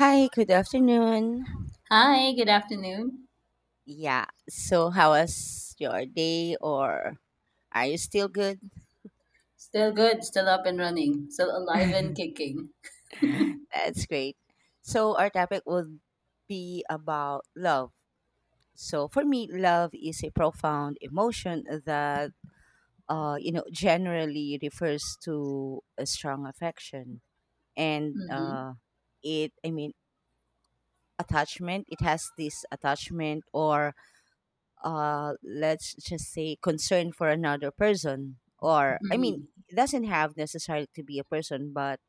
Hi, good afternoon. Hi, good afternoon. Yeah, so how was your day or are you still good? Still good, still up and running, still alive and kicking. That's great. So our topic would be about love. So for me, love is a profound emotion that generally refers to a strong affection and Mm-hmm. It I mean attachment. It has this attachment or let's just say concern for another person, or I mean Mm-hmm. it doesn't have necessarily to be a person, but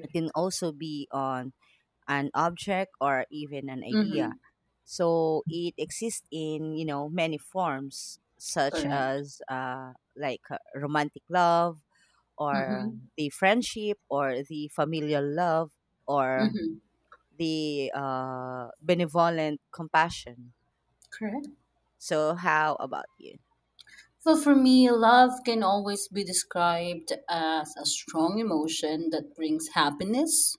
it can also be on an object or even an idea, Mm-hmm. so it exists in many forms, such Correct. as like romantic love, or Mm-hmm. the friendship, or the familial love, or Mm-hmm. the benevolent compassion. Correct. So, how about you? Well, for me, love can always be described as a strong emotion that brings happiness,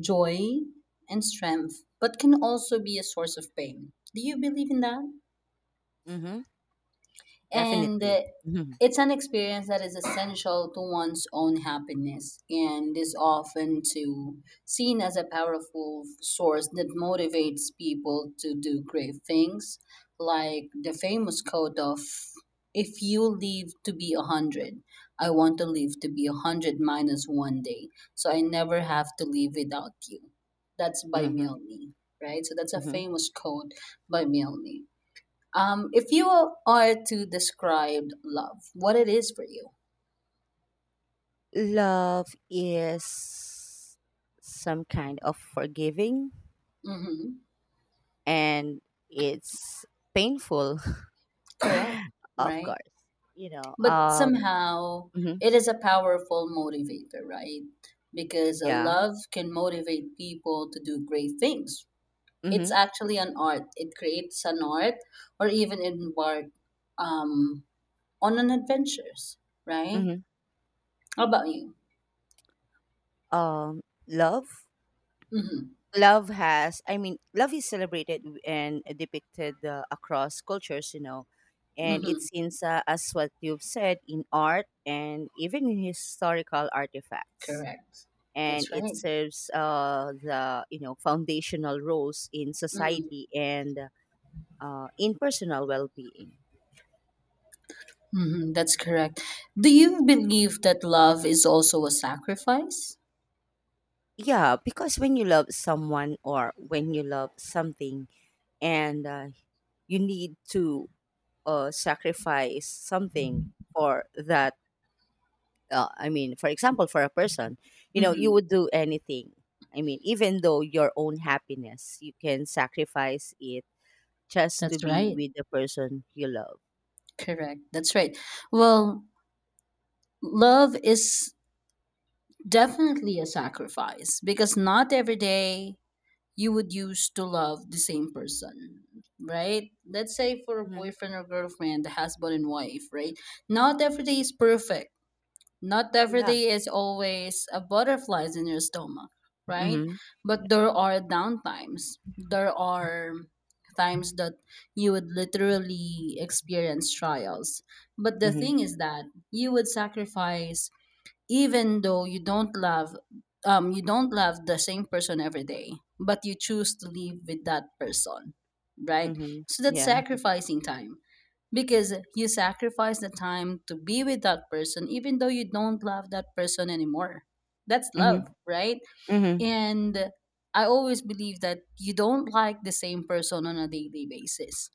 joy, and strength, but can also be a source of pain. Do you believe in that? Mm-hmm. And Definitely. Mm-hmm. It's an experience that is essential to one's own happiness and is often to seen as a powerful source that motivates people to do great things, like the famous quote of, "If you live to be a hundred, I want to live to be a hundred minus one day, so I never have to live without you." That's by Mm-hmm. Milne. Right, so that's a Mm-hmm. famous quote by Milne. If you are to describe love, what it is for you? Love is some kind of forgiving, Hmm. and it's painful, Correct, of right? course. You know, But um, somehow mhm. it is a powerful motivator, right? Because Yeah. love can motivate people to do great things. It's Mhm. actually an art. It creates an art, or even embark um, on an adventures, right? Mhm. How about you? Love. Mm-hmm. Love has. I mean, love is celebrated and depicted across cultures. And Mm-hmm. it's in as what you've said in art and even in historical artifacts. Correct. And That's it right. serves the foundational roles in Mm-hmm. society and in personal well-being. Mhm, that's correct. Do you believe that love is also a sacrifice? Yeah, because when you love someone or when you love something, and you need to sacrifice something for that, I mean, for example, for a person, you Hmm. would do anything. I mean, even though your own happiness, you can sacrifice it just to That's be right. with the person you love. Correct. That's right. Well, love is definitely a sacrifice, because not every day you would use to love the same person, right? Let's say for a Hmm. boyfriend or girlfriend, the husband and wife, right? Not every day is perfect. Not every Yeah. day is always a butterflies in your stomach, right? Hmm. But there are downtimes. There are times that you would literally experience trials. But the Mhm, thing is that you would sacrifice, even though you don't love, you don't love the same person every day, but you choose to live with that person, right? mhm, So that's yeah. sacrificing time, because you sacrifice the time to be with that person even though you don't love that person anymore. That's Mhm, love, right? mhm, And I always believe that you don't like the same person on a daily basis,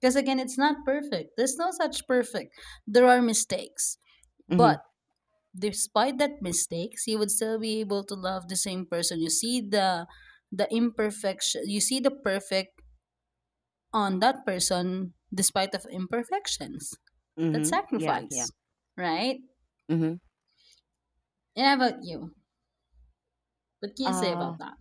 because again, it's not perfect. There's no such perfect. There are mistakes, mhm, but despite that mistakes, you would still be able to love the same person. You see the imperfection, you see the perfect on that person despite of imperfections. That mhm, yeah, yeah, sacrifice, right? mhm. And how about you? What can you say Uh, about that?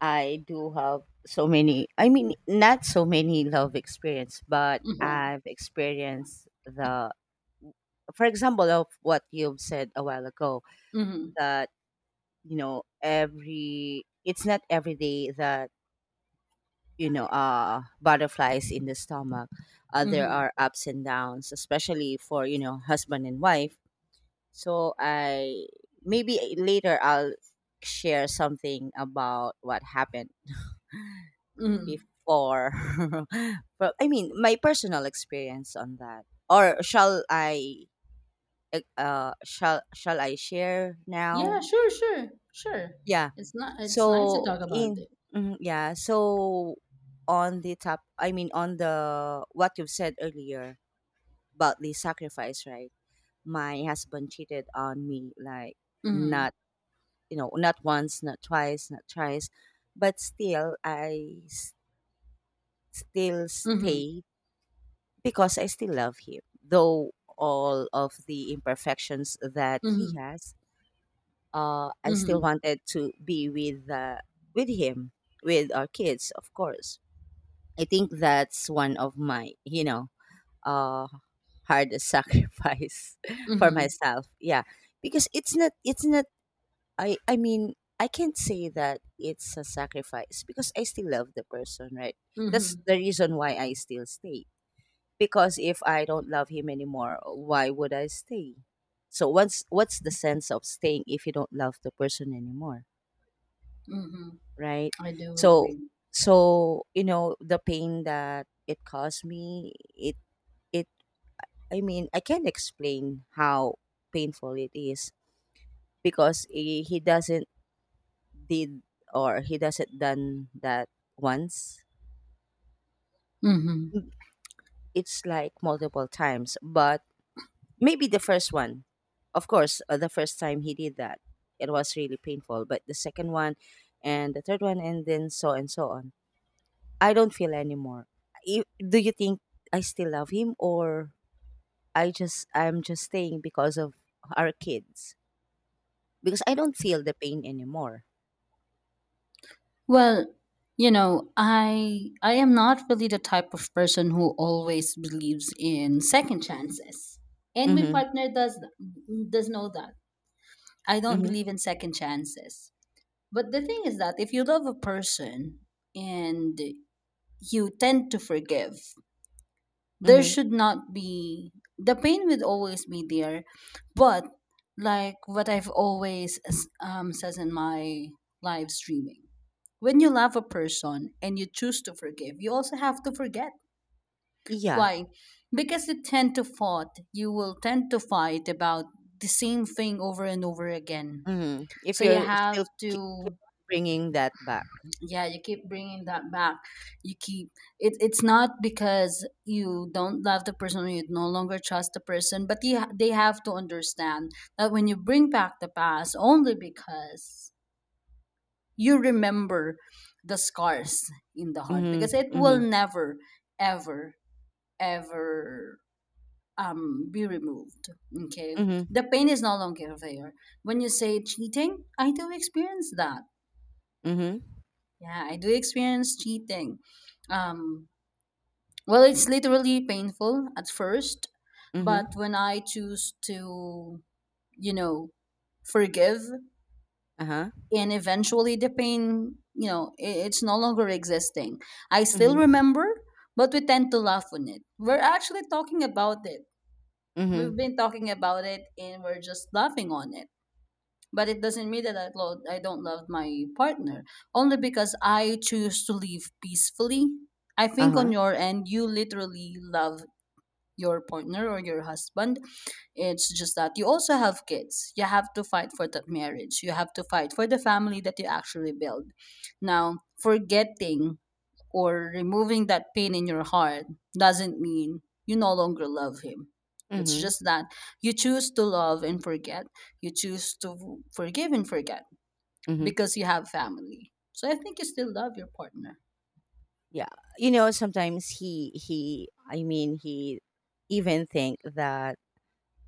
I do have so many, I mean, not so many love experience, but I've experienced the, for example, of what you've said a while ago, Mm-hmm. that, it's not every day that, butterflies in the stomach. There Mm-hmm. are ups and downs, especially for, husband and wife. So I maybe later I'll share something about what happened Mm-hmm. before. But I mean, my personal experience on that. Or shall I? Shall I share Yeah, now? sure, sure, sure. Yeah. It's not, it's nice to So talk about in it. Mhm, yeah. So on the top, I mean on the what you've said earlier about the sacrifice, right? My husband cheated on me, like, Mm-hmm. not you know not once, not twice, not thrice, but still Mm-hmm. stay, because I still love him, though all of the imperfections that he has. I still Mm-hmm. wanted to be with him, with our kids, of course. I think that's one of my, uh hardest sacrifice for Mm-hmm. myself. Yeah. Because it's not, I mean, I can't say that it's a sacrifice because I still love the person, right? That's Mm-hmm. the reason why I still stay. Because if I don't love him anymore, why would I stay? So what's the sense of staying if you don't love the person anymore, Mm-hmm. right? I do So agree. so the pain that it caused me, it, I mean, I can't explain how painful it is, because he doesn't did, or he doesn't done that once. Mm-hmm. Mm, it's like multiple times, but maybe the first one. Of course, the first time he did that, it was really painful, but the second one, and the third one, and then so and so on, I don't feel anymore. Do you think I still love him, or I'm just staying because of our kids, because I don't feel the pain anymore? Well, you know, I am not really the type of person who always believes in second chances. And my Mm-hmm. partner does know that. I don't Mm-hmm. believe in second chances. But the thing is that if you love a person and you tend to forgive, there Mm-hmm. should not be, the pain would always be there, but like what I've always says in my live streaming, when you love a person and you choose to forgive, you also have to forget. Yeah. Why? Because you tend to fight. You will tend to fight about the same thing over and over again. Mm-hmm. if So you you're have still ki- to, Bringing that back. yeah, you keep bringing that back. You keep it. It's not because you don't love the person or you no longer trust the person, but you, they have to understand that when you bring back the past, only because you remember the scars in the heart, Mhm, because it will mhm, never ever ever be removed, okay? mhm, The pain is no longer there. When you say cheating, I do experience that. mhm, Yeah, I do experience cheating. um well, it's literally painful at first, but mhm, when I choose to, you know, forgive, uh-huh, and eventually the pain, you know, it's no longer existing. I still mhm, remember, but we tend to laugh on it. We're actually talking about it. We've mhm, been talking about it and we're just laughing on it. But it doesn't mean that I don't love my partner, only because I choose to live peacefully. I think on uh-huh, your end, you literally love your partner or your husband. It's just that you also have kids. You have to fight for that marriage. You have to fight for the family that you actually build. Now, forgetting or removing that pain in your heart doesn't mean you no longer love him. It's mhm, just that you choose to love and forget. You choose to forgive and forget mhm. because you have family. So I think you still love your partner. Yeah, sometimes I mean, he even think that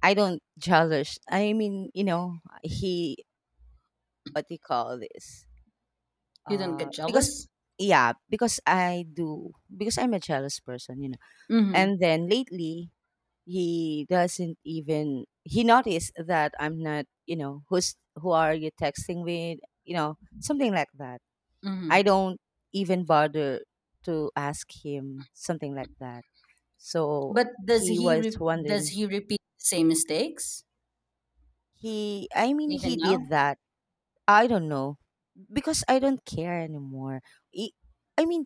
I don't jealous. I mean, he what do you call this? You don't get Because jealous. Yeah, because I do, because I'm a jealous person. Mm-hmm. And then lately, he doesn't even he noticed that I'm not, who are you texting with, something like that. I Mm-hmm. don't even bother to ask him something like that. So But he was does wondering. he repeat the same mistakes He I mean even he now? did that. I don't know, because I don't care anymore. I I mean,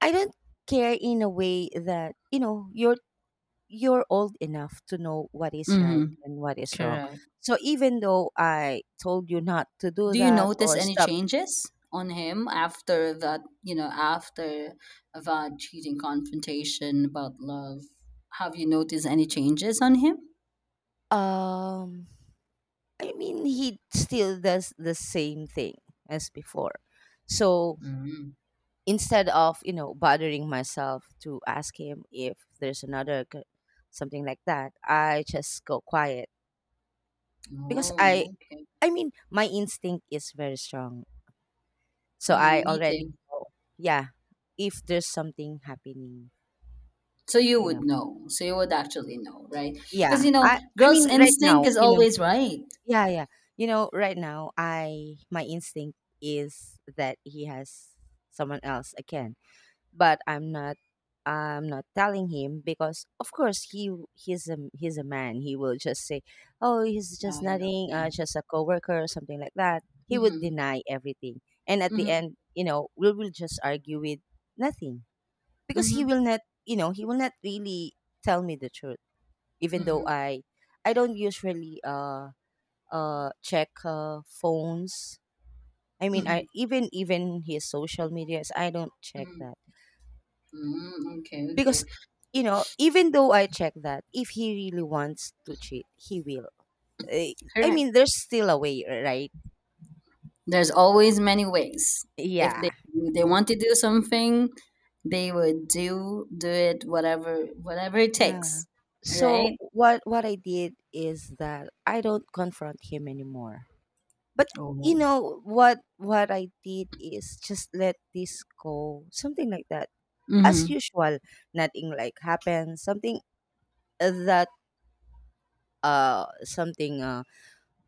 I don't care in a way that, you're old enough to know what is right Mm-hmm. and what is wrong. Correct. So even though I told you not to do Do you that notice or any stop, changes on him after that? You know, after that cheating confrontation about love, have you noticed any changes on him? um, I mean, he still does the same thing as before. So Mm. instead of, bothering myself to ask him if there's another something like that, I just go quiet, because Oh, okay. I mean, my instinct is very strong. So I Mm, me already too. know, yeah, if there's something happening, So you you know. would know. So you would actually know, right? Because Yeah, you know, I girls' mean, right instinct now, is always right. yeah, yeah. Right now, I my instinct is that he has someone else again, but I'm not, I'm not telling him because, of course, he's a man. He will just say, "Oh, he's just Ayda, nothing, yeah. Just a coworker," or something like that. He would Mhm, deny everything, and at the mhm, end, we will just argue with nothing, because he mhm, will not, you know, he will not really tell me the truth, even though mhm, I don't usually check phones. I mean, I mhm, even his social medias I don't check mhm, that. mhm, okay, Because okay. Even though I check that, if he really wants to cheat, he will. Eh, I Correct. mean, there's still a way, right? There's always many ways. If Yeah. they they want to do something, they would do it, whatever whatever it Yeah. takes. So Right? What I did is that I don't confront him anymore. But you Oh. know what I did is just let this go. Something like that. As Mm-hmm. usual, nothing like happened. Something, that, something,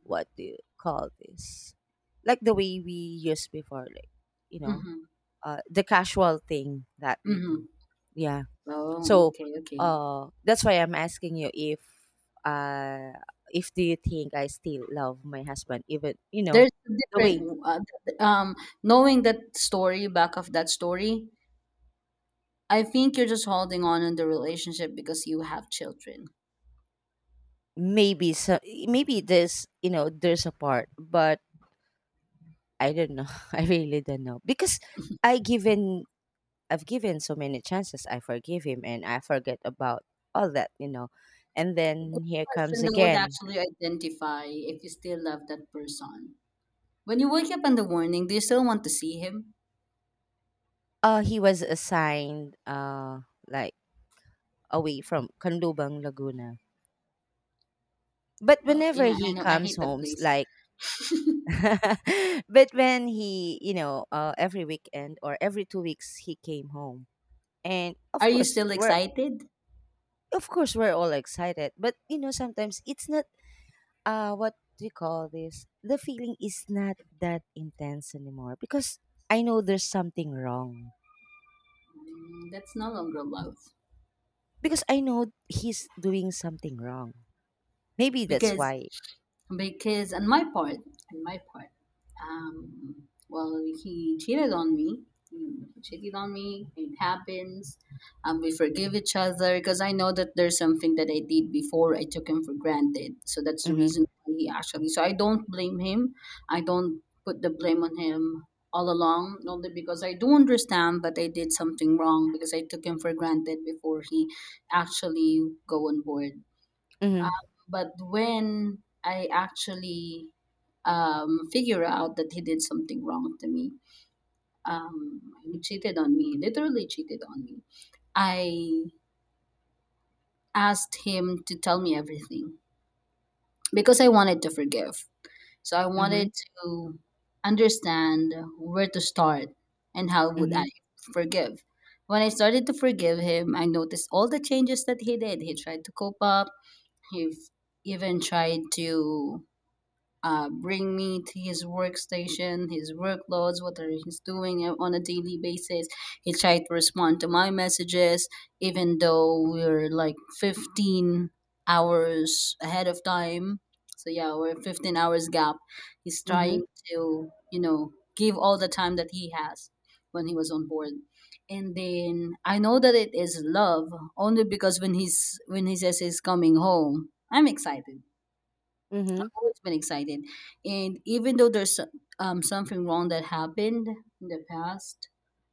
what do you call this? Like the way we used before, like, you know, Mm-hmm. The casual thing that we do. Mm-hmm. Yeah. Oh, So okay, okay. That's why I'm asking you, if, uh do you think I still love my husband, even, There's a the way. different th- um knowing that story, back of that story, I think you're just holding on in the relationship because you have children. Maybe so. Maybe there's you know there's a part, but I don't know. I really don't know, because I given I've given so many chances. I forgive him and I forget about all that, you know. And Good then here comes question that would again. actually identify if you still love that person: when you wake up in the morning, do you still want to see him? He was assigned, like, away from Kanlubang, Laguna. But Well, you whenever know, I he know I comes hate that home, place. like, but when he, every weekend or every 2 weeks he came home. And Are you still excited? of course we're all excited, but, sometimes it's not, what do you call this, the feeling is not that intense anymore, because I know there's something wrong, Mm, that's no longer love. because I know he's doing something wrong. Maybe that's because why. because on my part, well, he cheated on me. Mm, he cheated on me. It happens. We forgive each other because I know that there's something that I did before. I took him for granted, so that's the Mhm. reason why he actually. So I don't blame him. I don't put the blame on him all along, only because I do understand that I did something wrong because I took him for granted before he actually go on board. Um, Mhm. but when I actually figure out that he did something wrong to me, he cheated on me, literally cheated on me, I asked him to tell me everything because I wanted to forgive. So I wanted Mhm. to understand where to start and how would I Mhm. forgive. When I started to forgive him, I noticed all the changes that he did. He tried to cope up. He even tried to bring me to his workstation, his workloads, what are he's doing on a daily basis. He tried to respond to my messages, even though we're like 15 hours ahead of time. So yeah, we're 15 hours gap. He's trying Mhm. to, you know, give all the time that he has when he was on board. And then I know that it is love, only because when he says he's coming home, I'm excited, Mhm. always been excited. And even though there's something wrong that happened in the past,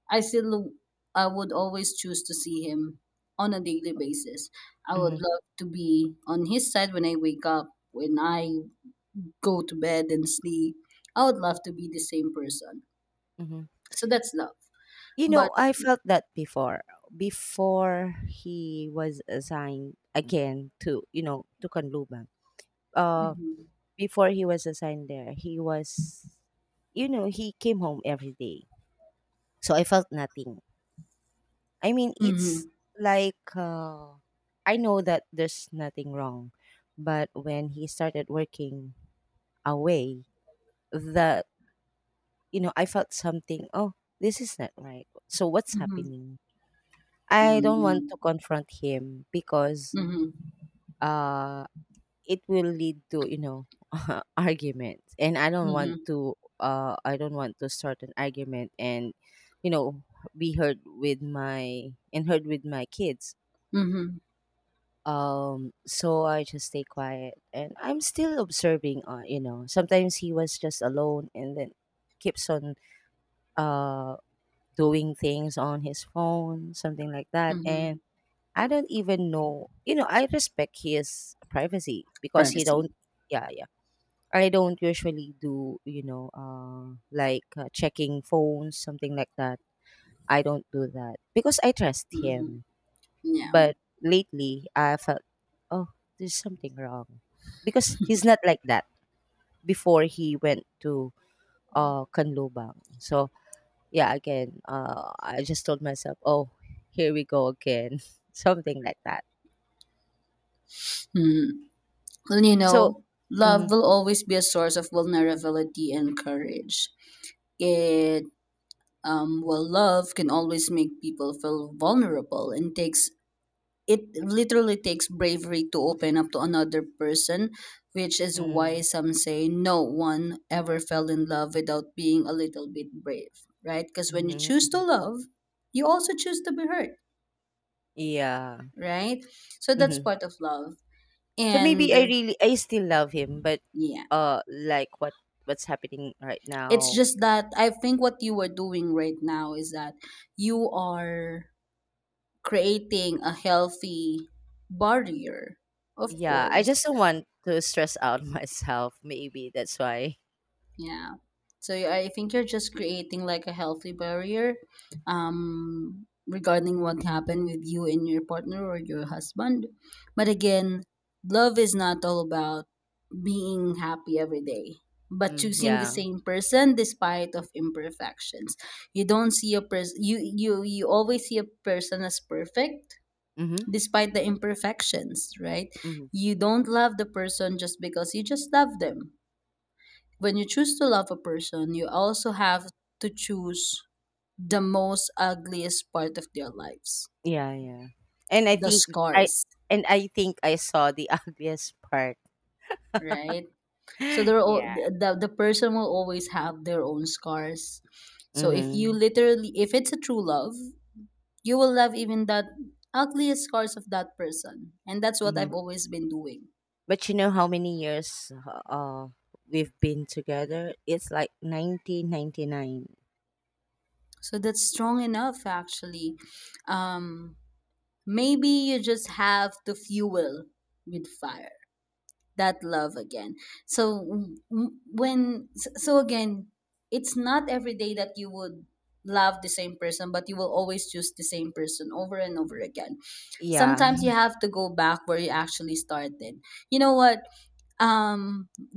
I still, I would always choose to see him on a daily basis. I would Mhm. love to be on his side when I wake up, when I go to bed and sleep. I would love to be the same person. Mhm. So that's love. But I felt that Before he was assigned again to you know to Kanlubang. uh mm-hmm, Before he was assigned there, he was, he came home every day, so I felt nothing. I mean, it's mm-hmm, like, I know that there's nothing wrong, but when he started working away, that I felt something. Oh, this is not right. So what's mm-hmm, happening? I don't mm-hmm, want to confront him because, mm-hmm, uh, it will lead to, arguments, and I don't want mm-hmm, to. I don't want to start an argument and, you know be heard with my, and heard with my kids, mm-hmm, so I just stay quiet and I'm still observing, sometimes he was just alone and then keeps on, uh doing things on his phone, something like that. mm-hmm. And I don't even know, I respect his privacy because he don't. Privacy. Yeah, yeah. I don't usually do, like, checking phones, something like that. I don't do that because I trust Mm-hmm, him. yeah. But lately, I felt, oh, there's something wrong, because he's not like that before he went to, Kanlubang. So yeah, again, I just told myself, oh, here we go again, something like that. Mm-hmm. Well, you So. know, Mm. love will always be a source of vulnerability and courage. It, well, love can always make people feel vulnerable and takes, it literally takes bravery to open up to another person, which is why Mm. some say no one ever fell in love without being a little bit brave, right? Because when you choose to Mm. love, you also choose to be hurt, Yeah. right? So that's Hmm. part of love. So maybe And I really, I still love him, but, yeah. Like, what's happening right It's now. just that I think what you are doing right now is that you are creating a healthy barrier, of Yeah, I course. just don't want to stress out myself. Maybe that's why. Yeah. So I think you're just creating like a healthy barrier regarding what happened with you and your partner or your husband. But again, love is not all about being happy every day, but Mm, choosing the yeah. same person despite of imperfections. You don't see a person, you you always see a person as perfect Mhm, despite the imperfections, right? mhm. You Right? don't love the person just because you just love them. When you choose to love a person, you also have to choose the most ugliest part of their lives, Yeah, yeah. And I the think, I scars, I think I saw the obvious part. right? So they're all, Yeah. The person will always have their own scars. So if you Mhm. literally, if it's a true love, you will love even that ugliest scars of that person. And that's what Mhm. I've always been doing. But you know how many years, uh we've been together? It's like 1999. So that's strong enough, actually. Um, maybe you just have to fuel with fire. That love again. So again, it's not every day that you would love the same person, but you will always choose the same person over and over again. Yeah. Sometimes you have to go back where you actually started. You know what,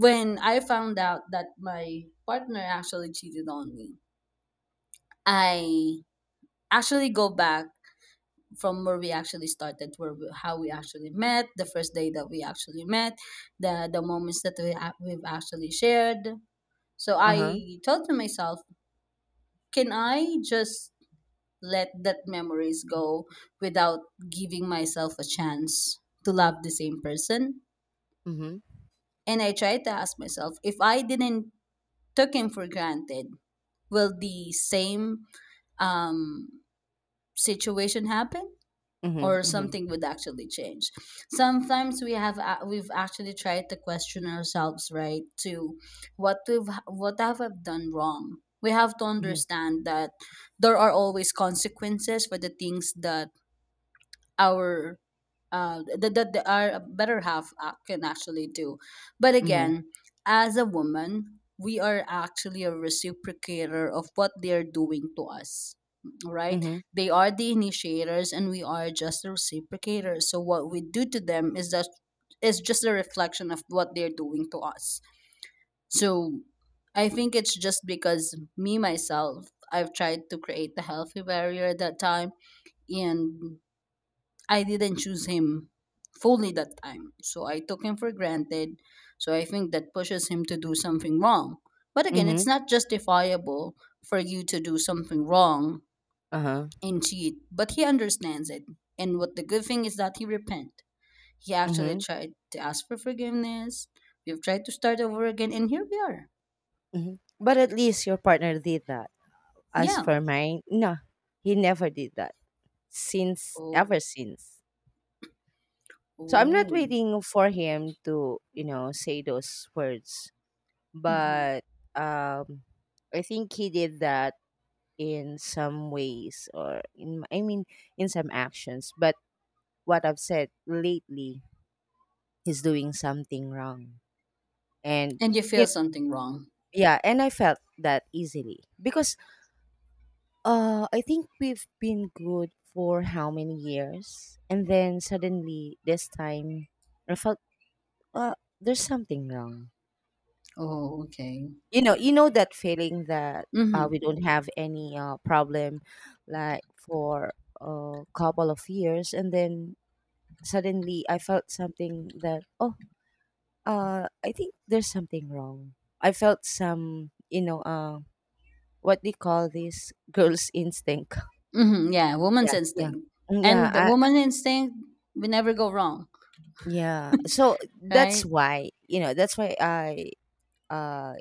when I found out that my partner actually cheated on me, I actually go back from where we actually started, where we, how we actually met, the first day that we actually met, the moments that we've actually shared. So Uh-huh. I thought to myself, can I just let that memories go without giving myself a chance to love the same person? Mhm. And I tried to ask myself, if I didn't took him for granted, will the same um, situation happen? Mhm. Or Mhm. something would actually change. Sometimes we've actually tried to question ourselves, right? To what have I done wrong? We have to Mhm. understand that there are always consequences for the things that our our better half can actually do. But Mhm. again, as a woman, we are actually a reciprocator of what they are doing to us, right? Mhm. They are the initiators, and we are just the reciprocators. So what we do to them is just a reflection of what they're doing to us. So I think it's just because me myself, I've tried to create the healthy barrier at that time, and I didn't choose him fully that time. So I took him for granted. So I think that pushes him to do something wrong. But again, it's Mhm. not justifiable for you to do something wrong Uh-huh. and cheat. But he understands it. And what the good thing is that he repent. He actually Mhm. tried to ask for forgiveness. We've tried to start over again, and here we are. Mhm. But at least your partner did that. As Yeah. for mine, no. He never did that since, ever Oh. since. So I'm not Oh. waiting for him to, say those words. Hmm. But, um I think he did that in some ways, or in, I mean, in some actions. But what I've said lately, he's doing something wrong. And, And you you know, feel something wrong. yeah, and I felt that easily. Because, I think we've been good for how many years? And then suddenly this time I felt uh there's something wrong. Oh, okay. You know that feeling that we Mm-hmm. don't have any problem like for a couple of years, and then suddenly I felt something that, oh, I think there's something wrong. I felt some, you know, what they call this girl's instinct. Hmm. Yeah, woman's Yeah, yeah. instinct. Mm, yeah, And the woman instinct will never go wrong, yeah, so that's right? why, you know, that's why I uh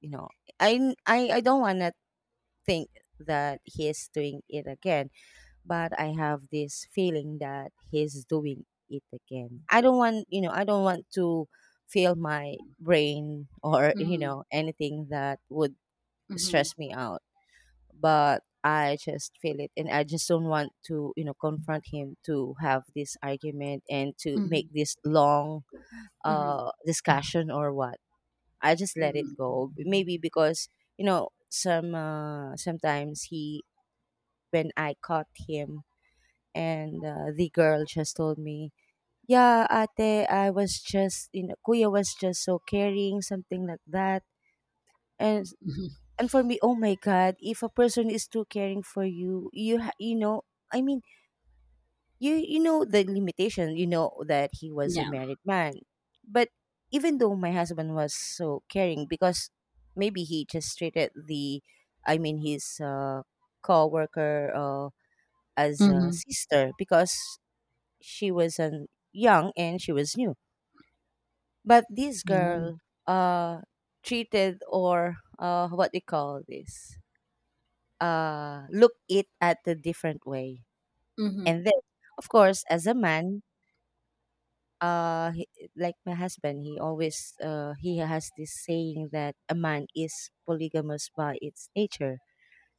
you know I don't want to think that he is doing it again, but I have this feeling that he's doing it again. I don't want, you know, I don't want to feel my brain or, you Mm-hmm. know, anything that would Mm-hmm. stress me out. But I just feel it and I just don't want to, you know, confront him to have this argument and to make Mm-hmm. this long Mm-hmm. Discussion or what. I just let it Mm-hmm. go. Maybe because, you know, some sometimes he, when I caught him and the girl just told me, "Yeah, ate, I was just, you know, kuya was just so caring," something like that. And Mm-hmm. and for me, oh my god, if a person is too caring for you, you you know, I mean, you know the limitation, you know that he was a Yeah. married man, but even though my husband was so caring, because maybe he just treated the, I mean, his co-worker, as a Mm-hmm. sister, because she was an young and she was new. But this No. girl uh treated or what do you call this? Look it at a different way. Mm-hmm. And then of course as a man, uh he, like my husband, he always, he has this saying that a man is polygamous by its nature.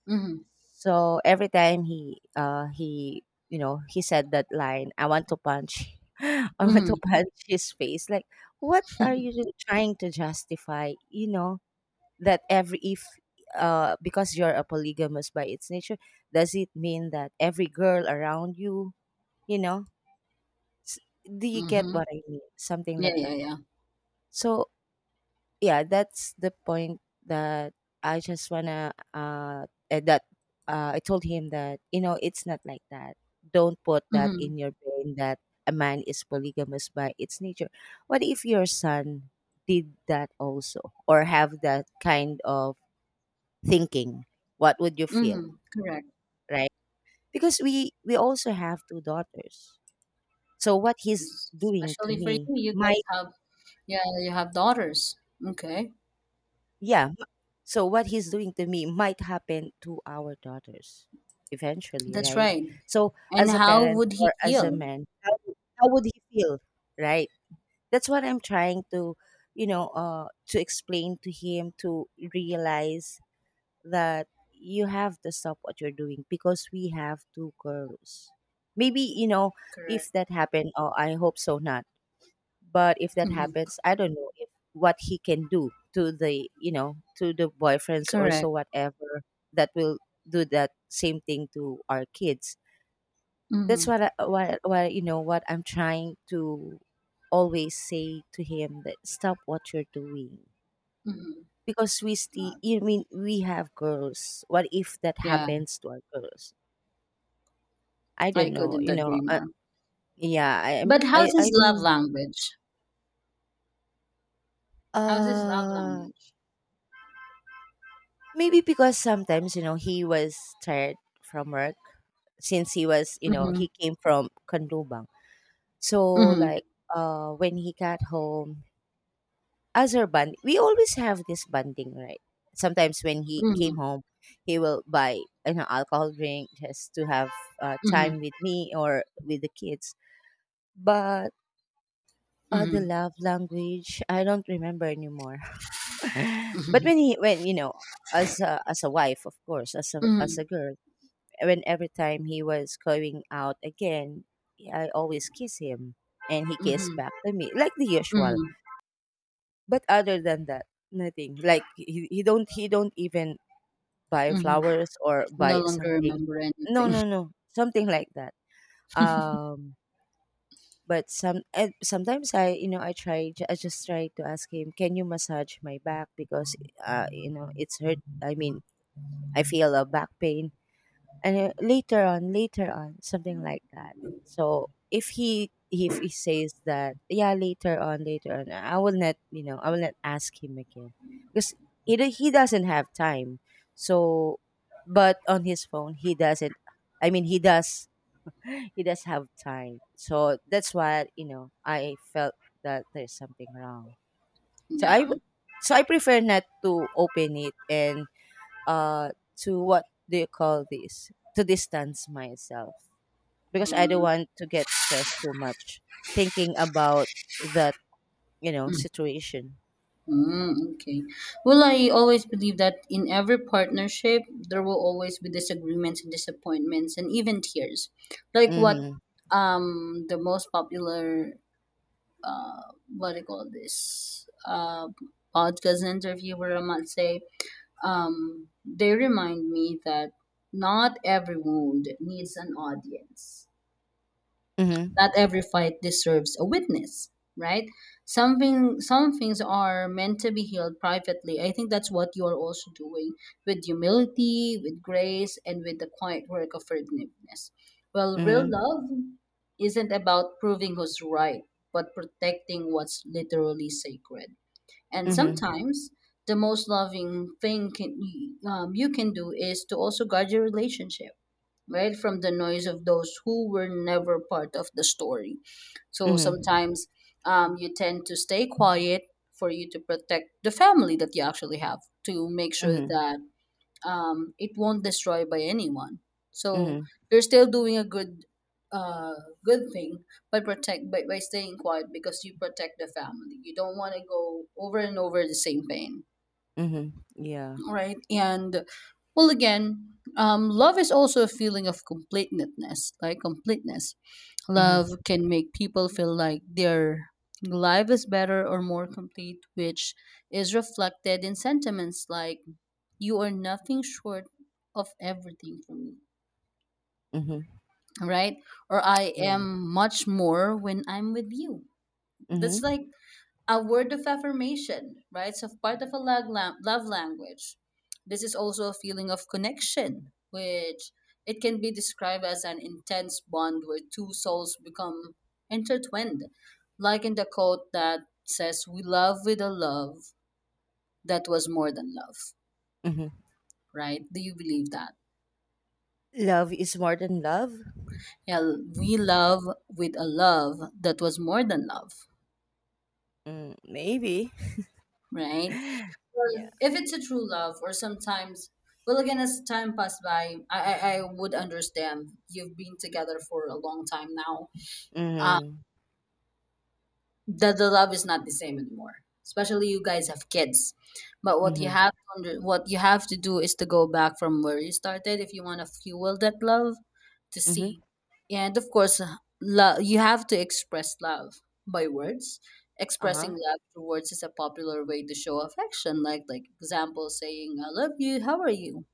Mm-hmm. So every time he you know, he said that line, I want to punch I want to Mm-hmm. punch his face. Like, what are you trying to justify? You know, that every if, because you're a polygamous by its nature, does it mean that every girl around you, you know, s- do you get Mm-hmm. what I mean? Something Yeah, like yeah, that. yeah. So yeah, that's the point that I just wanna that I told him that, you know, it's not like that. Don't put that Mm-hmm. in your brain that a man is polygamous by its nature. What if your son did that also or have that kind of thinking? What would you feel, Mm-hmm. Correct. right? Because we also have 2 daughters. So what he's Es- doing to Especially for you, me you guys might, have, yeah, you have daughters. Okay, yeah, so what he's doing to me might happen to our daughters eventually, that's right? right. So And as a how parent would he or as a feel? man, how would he feel, right? That's what I'm trying to, you know, to explain to him, to realize that you have to stop what you're doing because we have 2 girls. Maybe you know, Correct. if that happened. Oh, I hope so not, but if that Mm-hmm. happens, I don't know if what he can do to the, you know, to the boyfriends or so, Correct. whatever, that will do that same thing to our kids. That's Mm-hmm. what I, what you know, what I'm trying to always say to him, that stop what you're doing Mm-hmm. because we still, you mean, we have girls. What if that Yeah, happens to our girls? I don't I know. couldn't You know. agree more. Yeah. I am. But how's I his love mean. language? How's his love Uh language? Maybe because sometimes, you know, he was tired from work, since he was, you know, Mm-hmm. he came from Kandubang. So Mm-hmm. like, when he got home, as our band we always have this bonding, right? Sometimes when he came Mm-hmm. home, he will buy, you know, alcohol drink just to have Mm-hmm. time with me or with the kids. But the Mm-hmm. love language, I don't remember anymore. But Mm-hmm. when he, when, you know, as a wife, of course, as a girl, when every time he was going out again, I always kiss him and he kissed Mm-hmm. back to me like the usual. Mm-hmm. But other than that, nothing. Like he, he don't even buy Mm-hmm. flowers or No buy longer something. remember No, anything. no, no. Something like that. Um but some and sometimes I, you know, I try I just try to ask him, "Can you massage my back, because you know, it's hurt. I mean, I feel a back pain." And later on, later on, something like that. So if he, if he says that, yeah, later on, later on, I will not, you know, I will not ask him again, because he, he doesn't have time. So, but on his phone, he doesn't I mean he does he does have time, so that's why, you know, I felt that there's something wrong. So Yeah. So I prefer not to open it, and uh to, what do you call this, to distance myself, because I don't Mm-hmm. want to get stressed too much thinking about that, you know, situation. Mm-hmm. Okay. Well, I always believe that in every partnership, there will always be disagreements and disappointments and even tears. Like what Mhm. The most popular uh what do you call this, podcast interviewer, I might say. They remind me that not every wound needs an audience. Mhm. Not every fight deserves a witness, right? Some things are meant to be healed privately. I think that's what you are also doing, with humility, with grace, and with the quiet work of forgiveness. Well, real Mhm. love isn't about proving who's right, but protecting what's literally sacred. And Mhm. sometimes the most loving thing you can do is to also guard your relationship, right, from the noise of those who were never part of the story. So Mhm. sometimes you tend to stay quiet for you to protect the family that you actually have, to make sure Mhm. that it won't destroy by anyone. So Mhm. you're still doing a uh, good thing by by staying quiet, because you protect the family. You don't want to go over and over the same pain, Mhm. Yeah. right? And well, again, love is also a feeling of completeness, like completeness. Love Mhm. can make people feel like their life is better or more complete, which is reflected in sentiments like, "You are nothing short of everything for me," Mhm. right? Or, "I Yeah. am much more when I'm with you." That's Mhm. like a word of affirmation, right? So part of a love language. This is also a feeling of connection, which it can be described as an intense bond where two souls become intertwined. Like in the quote that says, we love with a love that was more than love, Mhm. right? Do you believe that? Love is more than love. Yeah, we love with a love that was more than love, Mm, maybe. right? Well, Yeah. if it's a true love, or sometimes, well, again, as time passed by, I would understand. You've been together for a long time now, Mhm. that the love is not the same anymore, especially you guys have kids. But Mhm. What you have to do is to go back from where you started if you want to fuel that love to Mhm. see. And of course, love, you have to express love by words. Expressing Uh-huh. love through words is a popular way to show affection, like example saying I love you, how are you,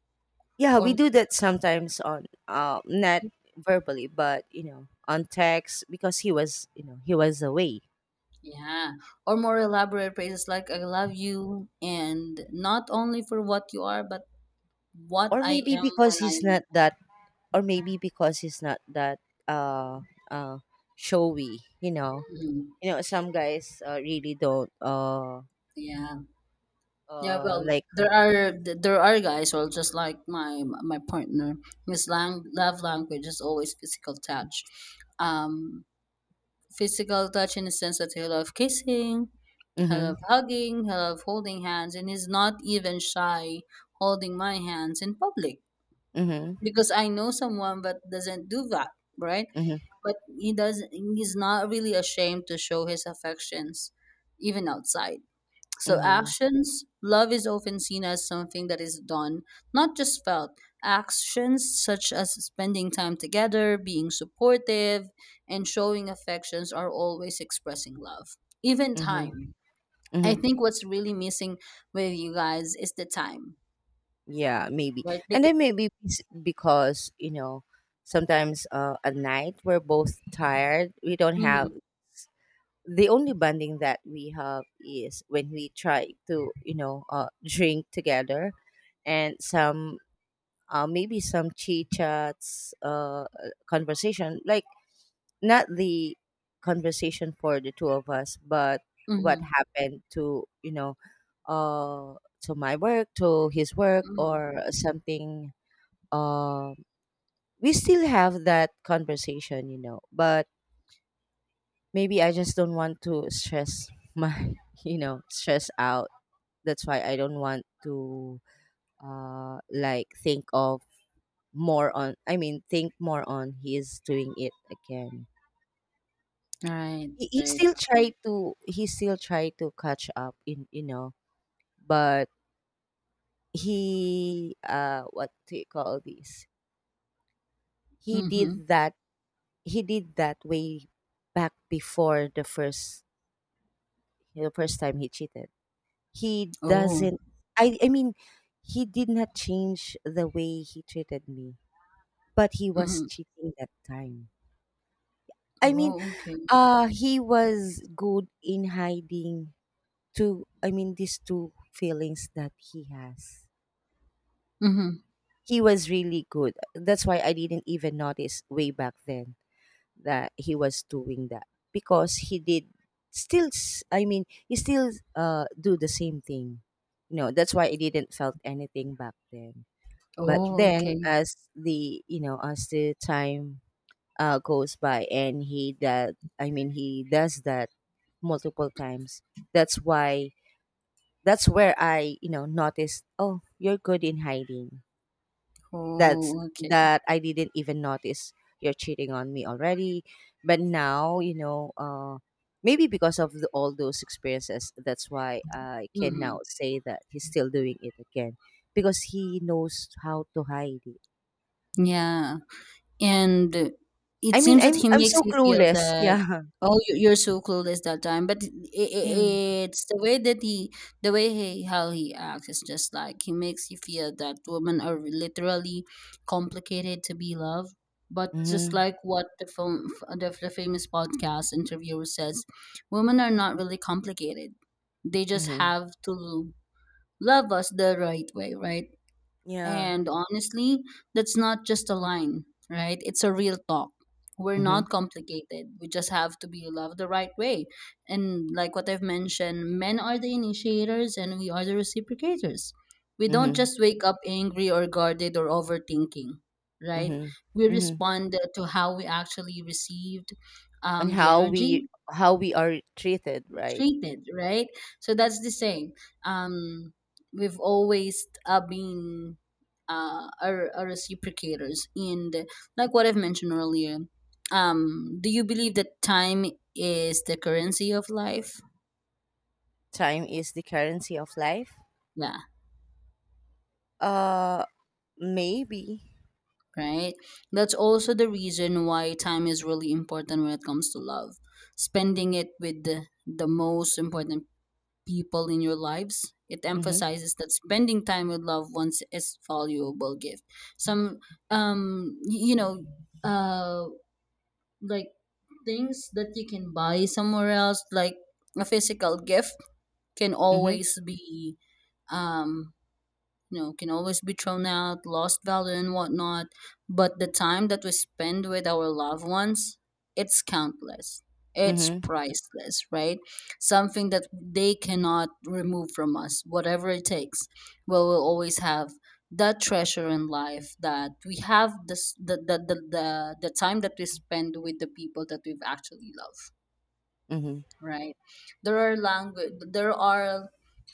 Yeah, we or do that sometimes on not verbally, but you know, on text, because he was, you know, he was away. yeah, or more elaborate phrases like, I love you and not only for what you are but what Or I maybe am because when I he's am not with. that, or maybe because he's not that, uh uh showy, you know. Mhm. You know some guys, really don't Yeah, yeah, well like, there are there are guys who are just like my partner. His love language is always physical touch. um Physical touch in the sense that he love kissing, he mm-hmm. love hugging, he love holding hands, and he's not even shy holding my hands in public, Mm-hmm. because I know someone that doesn't do that, right? Mm-hmm. But he does. He's not really ashamed to show his affections even outside. So, Mm-hmm. actions, love is often seen as something that is done, not just felt. Actions such as spending time together, being supportive, and showing affections are always expressing love. Even Mm-hmm. time. I Mm-hmm. think what's really missing with you guys is the time, Yeah, maybe. right? And Because, then maybe it's because, you know, sometimes, at night we're both tired. We don't have, mm, the only bonding that we have is when we try to, you know, drink together, and some, maybe some chit chats, conversation like, not the conversation for the two of us, but, what mm, happened to, you know, uh, to my work, to his work, mm, or something. Um, we still have that conversation, you know, but maybe I just don't want to stress my, you know, stress out. That's why I don't want to, like, think of more on, I mean, think more on, he is doing it again. right, right. He still tried to catch up in, you know, but he, what do you call this? He Mm-hmm. did that he did that way back before the first, the first time he cheated. He Oh, doesn't, I mean, he did not change the way he treated me, but he was mm-hmm. cheating that time. I mean, Oh, okay. He was good in hiding two, I mean, these two feelings that he has. Mm-hmm. He was really good. That's why I didn't even notice way back then that he was doing that, because he did still I mean, he still do the same thing. You know, that's why I didn't felt anything back then. But Oh, then okay. as the, you know, as the time goes by, and he that I mean, he does that multiple times. That's why, that's where I, you know, noticed, oh, you're good in hiding that's Oh, okay. that I didn't even notice you're cheating on me already. But now, you know, maybe because of the, all those experiences, that's why I can now Mm-hmm. say that he's still doing it again, because he knows how to hide it. Yeah. And it I mean, seems that he I'm makes so you feel clueless. that, Yeah. oh, you- you're so clueless that time, but it, Yeah. it's the way that he the way he how he acts is just like he makes you feel that women are literally complicated to be loved. But just Mm-hmm. like what the film, the famous podcast interviewer says, women are not really complicated, they just Mm-hmm. have to love us the right way, right? Yeah. And honestly, that's not just a line, right? It's a real talk. We're Mm-hmm. not complicated. We just have to be loved the right way. And like what I've mentioned, men are the initiators and we are the reciprocators. We don't Mm-hmm. just wake up angry or guarded or overthinking, right? Mm-hmm. We Mm-hmm. respond to how we actually received And the how energy, we, how we are treated, right? treated, right? So that's the thing. Um, we've always been are reciprocators. And like what I've mentioned earlier, do you believe that time is the currency of life? Time is the currency of life. Yeah, Uh, Maybe. right? That's also the reason why time is really important when it comes to love. Spending it with the most important people in your lives. It Mhm, emphasizes that spending time with loved ones is valuable gift. Some you know uh like things that you can buy somewhere else, like a physical gift, can mhm, always be um you know, can always be thrown out, lost value and whatnot. But the time that we spend with our loved ones, it's countless, it's mhm, priceless, right? Something that they cannot remove from us whatever it takes. Well, we'll always have that treasure in life that we have this the time that we spend with the people that we've actually loved, mhm, right? There are language, there are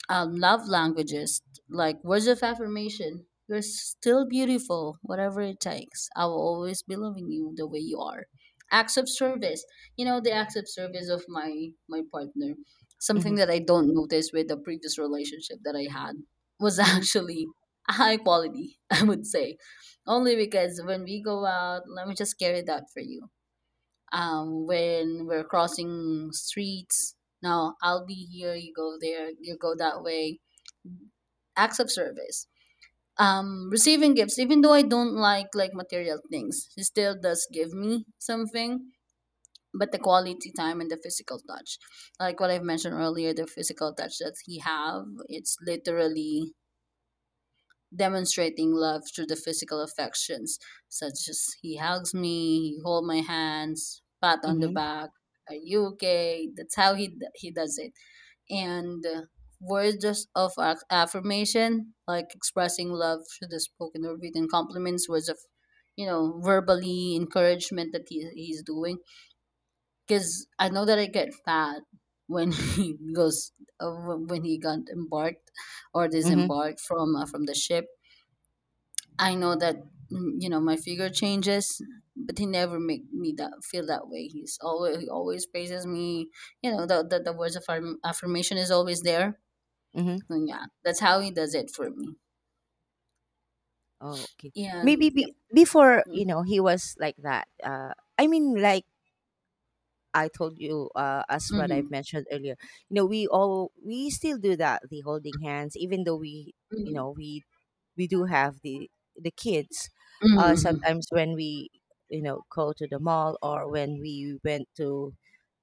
love languages, like words of affirmation. You're still beautiful, whatever it takes. I will always be loving you the way you are. Acts of service, you know, the acts of service of my my partner. mhm, Something that I don't notice with the previous relationship that I had was mhm, actually high quality. I would say, only because when we go out, let me just carry that for you. When we're crossing streets, now I'll be here, you go there, you go that way. Acts of service, receiving gifts, even though I don't like material things, he still does give me something. But the quality time and the physical touch, like what I've mentioned earlier, the physical touch that he have, it's literally demonstrating love through the physical affections, such as he hugs me, he holds my hands, pat on the mhm, back, are you okay? That's how he does it. And words just of affirmation, like expressing love through the spoken or written compliments, words of, you know, verbally encouragement that he's doing. Because I know that I get fat when he goes uh, when he got embarked or mhm, disembarked from the ship. I know that, mm, you know, my figure changes, but he never make me that feel that way. He always praises me. You know the words of affirmation is always there. mhm. And yeah, that's how he does it for me. Oh, okay. Maybe And yep. be before, Mm-hmm. you know, he was like that. I mean, like I told you, as what I've Mm-hmm. mentioned earlier, you know, we still do that, the holding hands, even though we, you Mm-hmm. know, we do have the kids, Mm-hmm. sometimes when we, you know, go to the mall or when we went to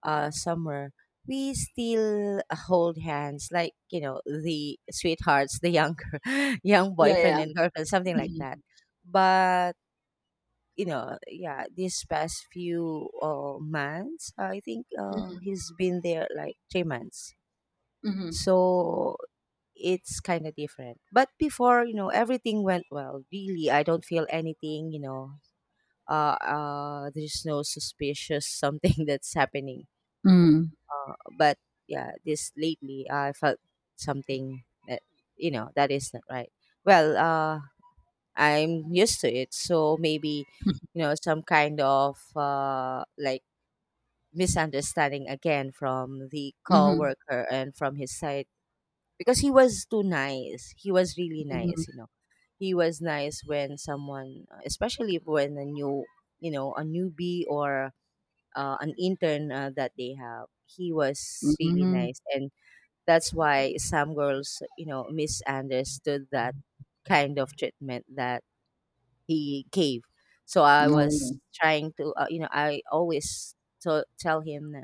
somewhere, we still hold hands like, you know, the sweethearts, the younger young Yeah, boyfriend yeah. and girlfriend, something like that. Mm-hmm. But, you know, yeah, these past few months, I think he's been there like 3 months, Mm-hmm. so it's kind of different. But before, you know, everything went well. Really, I don't feel anything, you know. There's no suspicious something that's happening. Mm-hmm. Uh, but yeah, this lately, I felt something that, you know, that is not right. Well, I'm used to it. So maybe, you know, some kind of, like, misunderstanding again from the Mm-hmm. coworker and from his side, because he was too nice. He was really Mm-hmm. nice, you know, he was nice when someone, especially when a new, you know, a newbie or an intern, that they have. He was really Mm-hmm. nice, and that's why some girls, you know, misunderstood that kind of treatment that he gave. So I Oh, was trying to, I always to tell him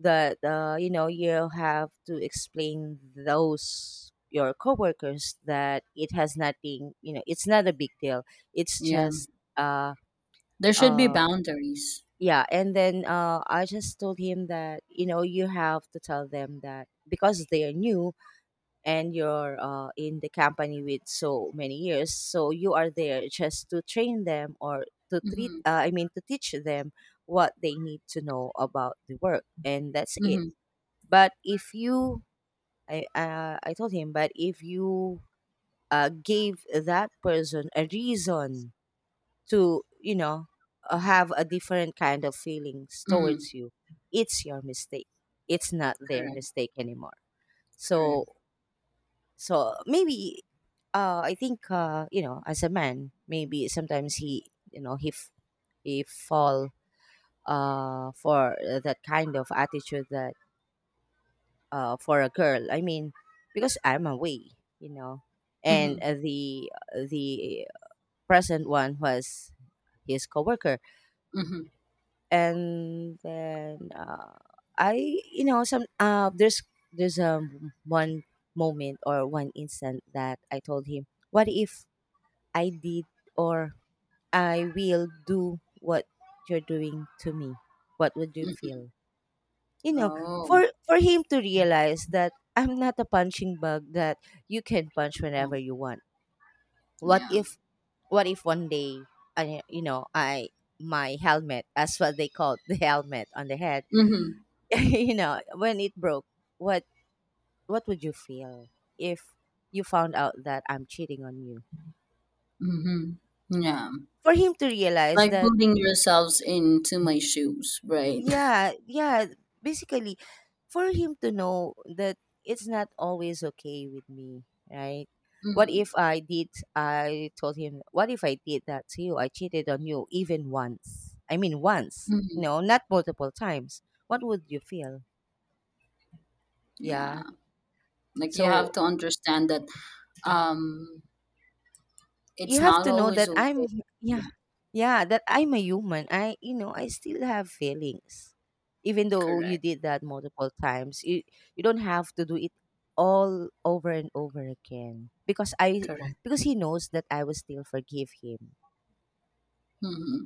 that you know, you have to explain those your coworkers that it has nothing, you know, it's not a big deal, it's yeah. just uh There should be uh boundaries. yeah. And then I just told him that, you know, you have to tell them that because they are new, and you're in the company with so many years, so you are there just to train them, or to treat Mm-hmm. I mean, to teach them what they need to know about the work, and that's it. Mm-hmm. But if you, I told him, but if you gave that person a reason to, have a different kind of feelings Mm-hmm. towards you, it's your mistake. It's not their Correct. mistake anymore. Correct. So, so maybe, I think, you know, as a man, maybe sometimes he, you know, he fall for that kind of attitude, that for a girl. I mean, because I'm away, you know, and Mm-hmm. The present one was his coworker, Mm-hmm. and then some there's one moment or one instant that I told him, what if I did, or I will do what you're doing to me? What would you Mm-hmm. feel? You know, Oh. for him to realize that I'm not a punching bag that you can punch whenever you want. What Yeah. if, one day, I you know, I my helmet, as what they call it, the helmet on the head, Mm-hmm. you know, when it broke, what what would you feel if you found out that I'm cheating on you? Mm-hmm. Yeah. For him to realize Like that, putting yourselves into my shoes, right? yeah, yeah, basically, for him to know that it's not always okay with me, right? What if Mm-hmm. I did? I told him, what if I did that to you? I cheated on you, even once. I mean, once, Mm-hmm. no, not multiple times. What would you feel? Yeah. Yeah. Like you have So, to understand that um you it's have not to know always that I'm, okay. Yeah, yeah. Yeah, that I'm a human. I still have feelings. Even though you correct. did that multiple times, you don't have to do it all over and over again, Correct. because he knows that I will still forgive him. Mm-hmm.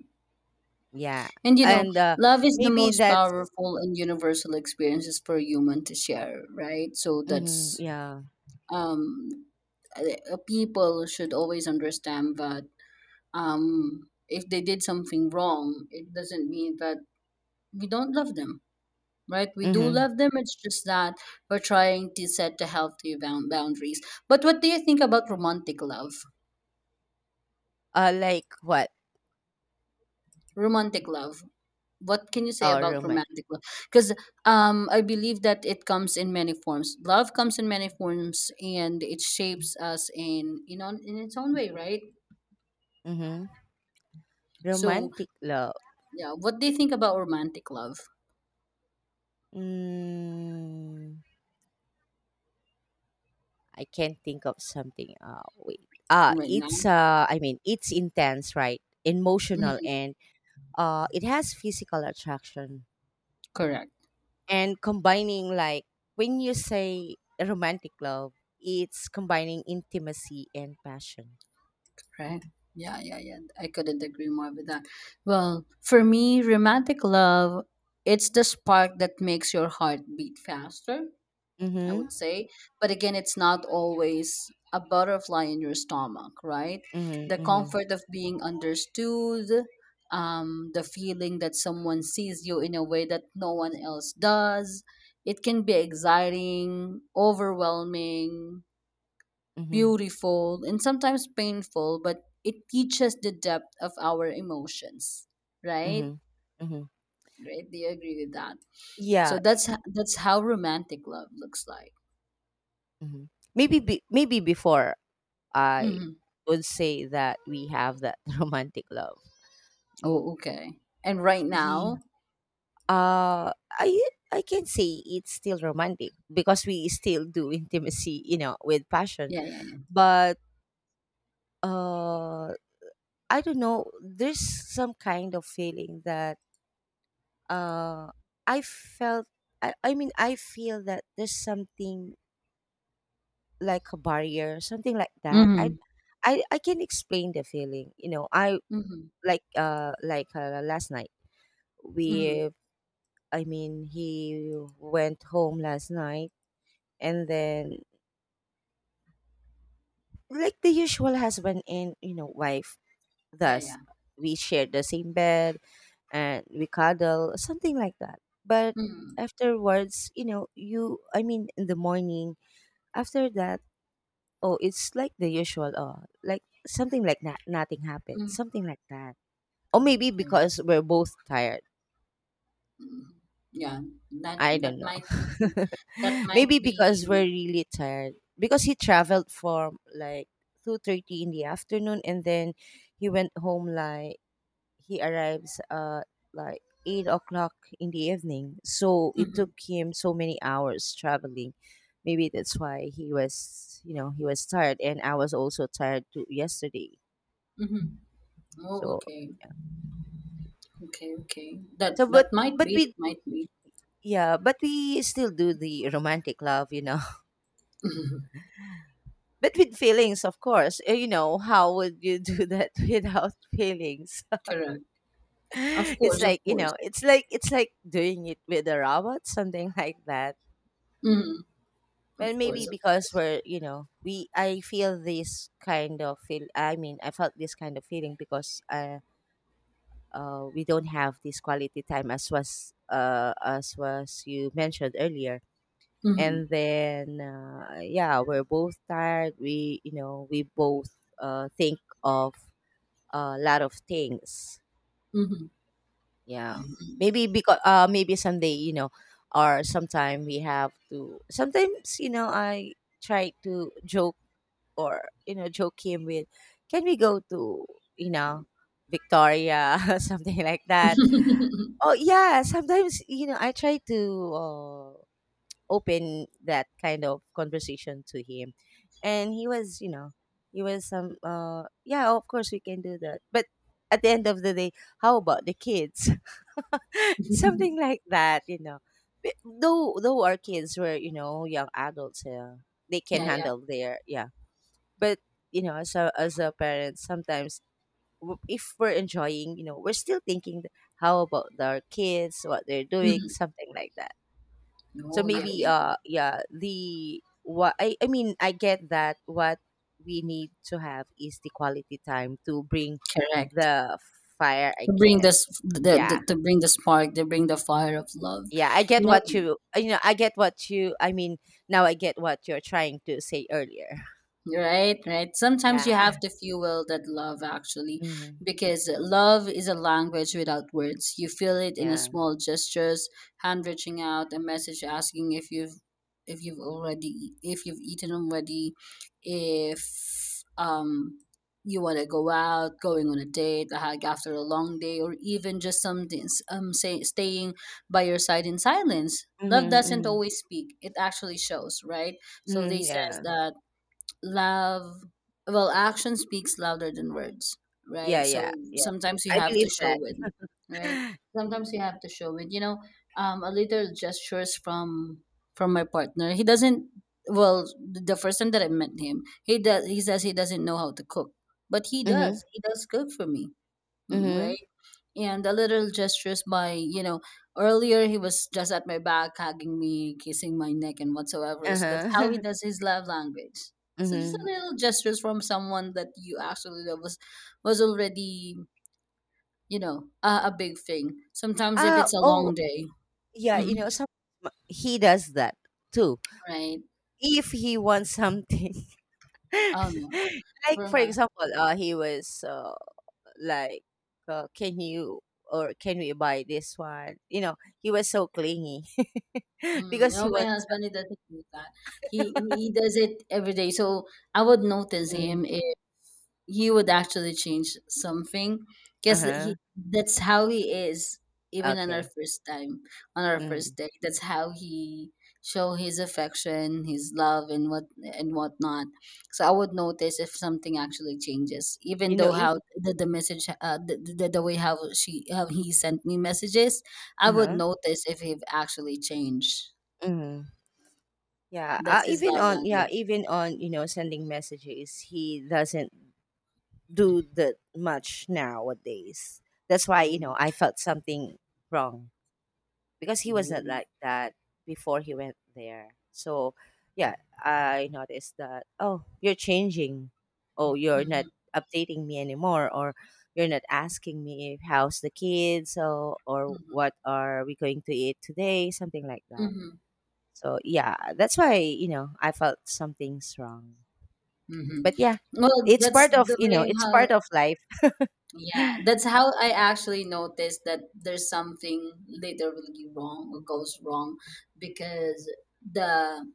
Yeah. And you know, And love is the maybe most that's, powerful and universal experiences for human to share, right? So hmm, that's yeah. um people should always understand that if they did something wrong, it doesn't mean that we don't love them, right? We do Mhm. love them. It's just that we're trying to set the healthy boundaries. But what do you think about romantic love? Like what? Romantic love, what can you say Oh, about roman. romantic love? Because I believe that it comes in many forms. Love comes in many forms, and it shapes us in, you know, in its own way, right? Mhm. So Romantic love. yeah, what do you think about romantic love Mm. I can't think of something. Wait. Ah, right now? it's I mean, it's intense, right? Emotional, Mhm, and it has physical attraction. correct. And combining, like, when you say romantic love, it's combining intimacy and passion. Right. Yeah, yeah, yeah. I couldn't agree more with that. Well, for me, romantic love, it's the spark that makes your heart beat faster, I Mm-hmm. would say. But again, it's not always a butterfly in your stomach, right? Mm-hmm. The Mm-hmm. comfort of being understood, the feeling that someone sees you in a way that no one else does. It can be exciting, overwhelming, Mm-hmm. beautiful and sometimes painful, but it teaches the depth of our emotions, right? Mm-hmm. Mm-hmm. Right? Do you agree with that? Yeah. So that's that's how romantic love looks like. Mm-hmm. Maybe before I Hmm. would say that we have that romantic love. Mm, Oh, okay. And right ye- now, uh i I can say it's still romantic because we still do intimacy, you know, with passion. yeah, yeah, yeah. But uh I don't know, there's some kind of feeling that uh i felt I mean, I feel that there's something like a barrier, something like that. Mm-hmm. I can explain the feeling, you know, I. Mm-hmm. Like like last night, Mm-hmm. we I mean he went home last night, and then, like the usual husband and, you know, wife, Yeah, thus yeah. we share the same bed and we cuddle, something like that. But Mm-hmm. afterwards, you know, you I mean in the morning after that, oh, it's like the usual, oh, like something like that, nothing happened, Mm-hmm. something like that. Or Oh, maybe okay. because we're both tired. Hmm. Yeah, that I that don't know. might be, that might Maybe be. because we're really tired, because he traveled from like 2:30 in the afternoon, and then he went home like, he arrives like 8 o'clock in the evening. So it Mm-hmm. took him so many hours traveling. Maybe that's why he was, you know, he was tired, and I was also tired too yesterday. Mm-hmm. Oh, So okay. yeah. Okay, okay. So, That but that might but be. we, That might be. yeah, but we still do the romantic love, you know. But with feelings, of course. You know, how would you do that without feelings? Correct. Of It's course, of like, you course. know, it's like doing it with a robot, something like that. Mhm. Well, Of maybe course, of because course. we're, you know, we I feel this kind of feel. I mean, I felt this kind of feeling because we don't have this quality time, as was you mentioned earlier. And Mhm. then yeah, we're both tired. We You know, we both think of a lot of things. Mhm. Yeah, maybe because maybe someday, you know, or sometime we have to. Sometimes, you know, I try to joke, or, you know, joke him with, can we go to, you know, Victoria, something like that. Oh yeah, sometimes, you know, I try to open that kind of conversation to him, and he was, you know, he was some yeah, of course we can do that, but at the end of the day, how about the kids? Something like that, you know. But though our kids were, you know, young adults, they can Yeah, yeah. handle their, yeah, but you know, as a parent sometimes, if we're enjoying, you know, we're still thinking, how about our kids, what they're doing, Mhm. something like that. So No, yeah, maybe yeah, yeah. Yeah, I mean, I get that what we need to have is the quality time, to bring Correct. the fire. I To bring can, this, yeah, to bring the spark, to bring the fire of love. yeah, I get You what know, you you know, I get what you I mean now I get what you're trying to say earlier. right, right. Sometimes you Yeah. have to fuel that love actually, Hmm, because love is a language without words. You feel it in a yeah. small gestures, hand reaching out, a message asking if you've eaten already, if um you want to go out, going on a date, a hike after a long day, or even just something say, staying by your side in silence. Hmm. Love doesn't Hmm. always speak. It actually shows, right? So they Hmm, says yeah. that love, well, action speaks louder than words, Yeah, right? So yeah, yeah. sometimes you I have to believe that. show it, right? Yeah. Sometimes you have to show it, you know, a little gestures from my partner. He doesn't, well, the first time that I met him, he does, he says he doesn't know how to cook, but he Mm-hmm. does, he does cook for me. Mm, Mm-hmm. right. And the little gestures by, you know, earlier he was just at my back hugging me, kissing my neck and whatsoever, so that's how he Uh-huh. does his love language. So just a Mm-hmm. little gestures from someone that you actually love was already, you know, a big thing sometimes if it's a Oh, long day. yeah, you Hmm, know, some he does that too. right. If he wants something, Oh no. like For for my, example, he was like, can you, or can we buy this one? You know, he was so clingy mm, because he no, my wants husband, he doesn't do that. He he does it every day, so I would notice something. him if. He would actually change something Uh because he, huh. that's how he is. Even on our Okay. first time, on our first Mm. date, that's how he show his affection, his love and what and whatnot. So I would notice if something actually changes, even You know, though if. how the message, the way how she how he sent me messages. I would Uh notice if he actually changed. huh. Yeah, That's his love language. even on, you know, sending messages, he doesn't do that much nowadays. That's why, you Oh, know, I felt something wrong, because he was oh. not like that before he went there. So yeah, I noticed that, oh, you're changing. Oh, you're not Hmm, updating me anymore, or you're not asking me how's the kids, or what are we going to eat today, something like that. hmm. So yeah, that's why, you know, I felt something's wrong. But yeah, Mm-hmm. Well, it's that's part of, the you know, way it's how, part of life. yeah, that's how I actually noticed that there's something literally wrong or goes wrong because the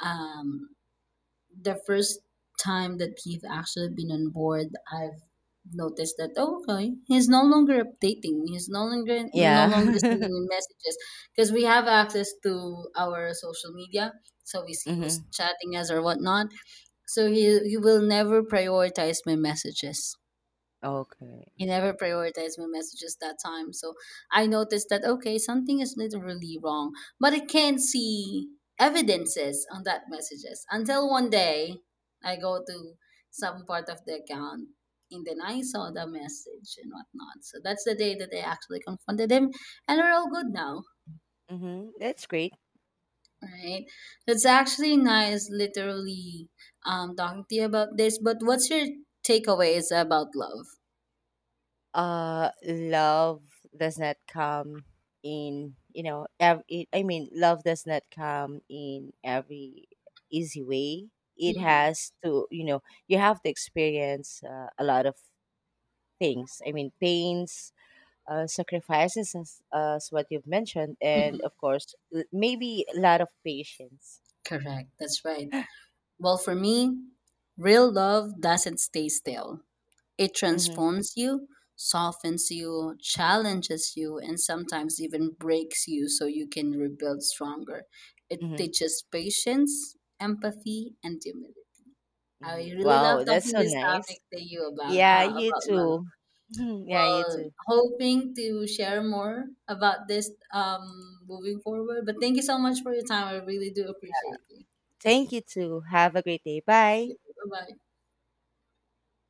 um the first time that he've actually been on board, I've noticed that, oh, okay, he's no longer updating, he's no longer no longer Yeah. sending me messages, because we have access to our social media, so we see who's Mm-hmm. chatting us or whatnot. So he will never prioritize my messages. Okay. He never prioritized my messages that time. So I noticed that, okay, something is literally wrong. But I can't see evidences on that messages until one day I go to some part of the account and then I saw the message and whatnot. So that's the day that I actually confronted him and we're all good now. Mm-hmm. That's great. Right. That's actually nice, literally, talking to you about this. But what's your takeaways about love? Love does not come in, you know, I mean, love does not come in every easy way. It Mm, has to, you know, you have to experience a lot of things. I mean, pains, sacrifices, as what you've mentioned, and mhm. of course, maybe a lot of patience. Correct. That's right. Well, for me, real love doesn't stay still. It Hmm. transforms you, softens you, challenges you, and sometimes even breaks you so you can rebuild stronger. It Hmm. teaches patience, empathy, and humility. Hmm, I really love wow, that's talking so this nice. topic to you Yeah, you about love. too. Yeah, you Well, too. hoping to share more about this moving forward. But thank you so much for your time. I really do appreciate you. Thank you too, have a great day. Bye. Bye bye.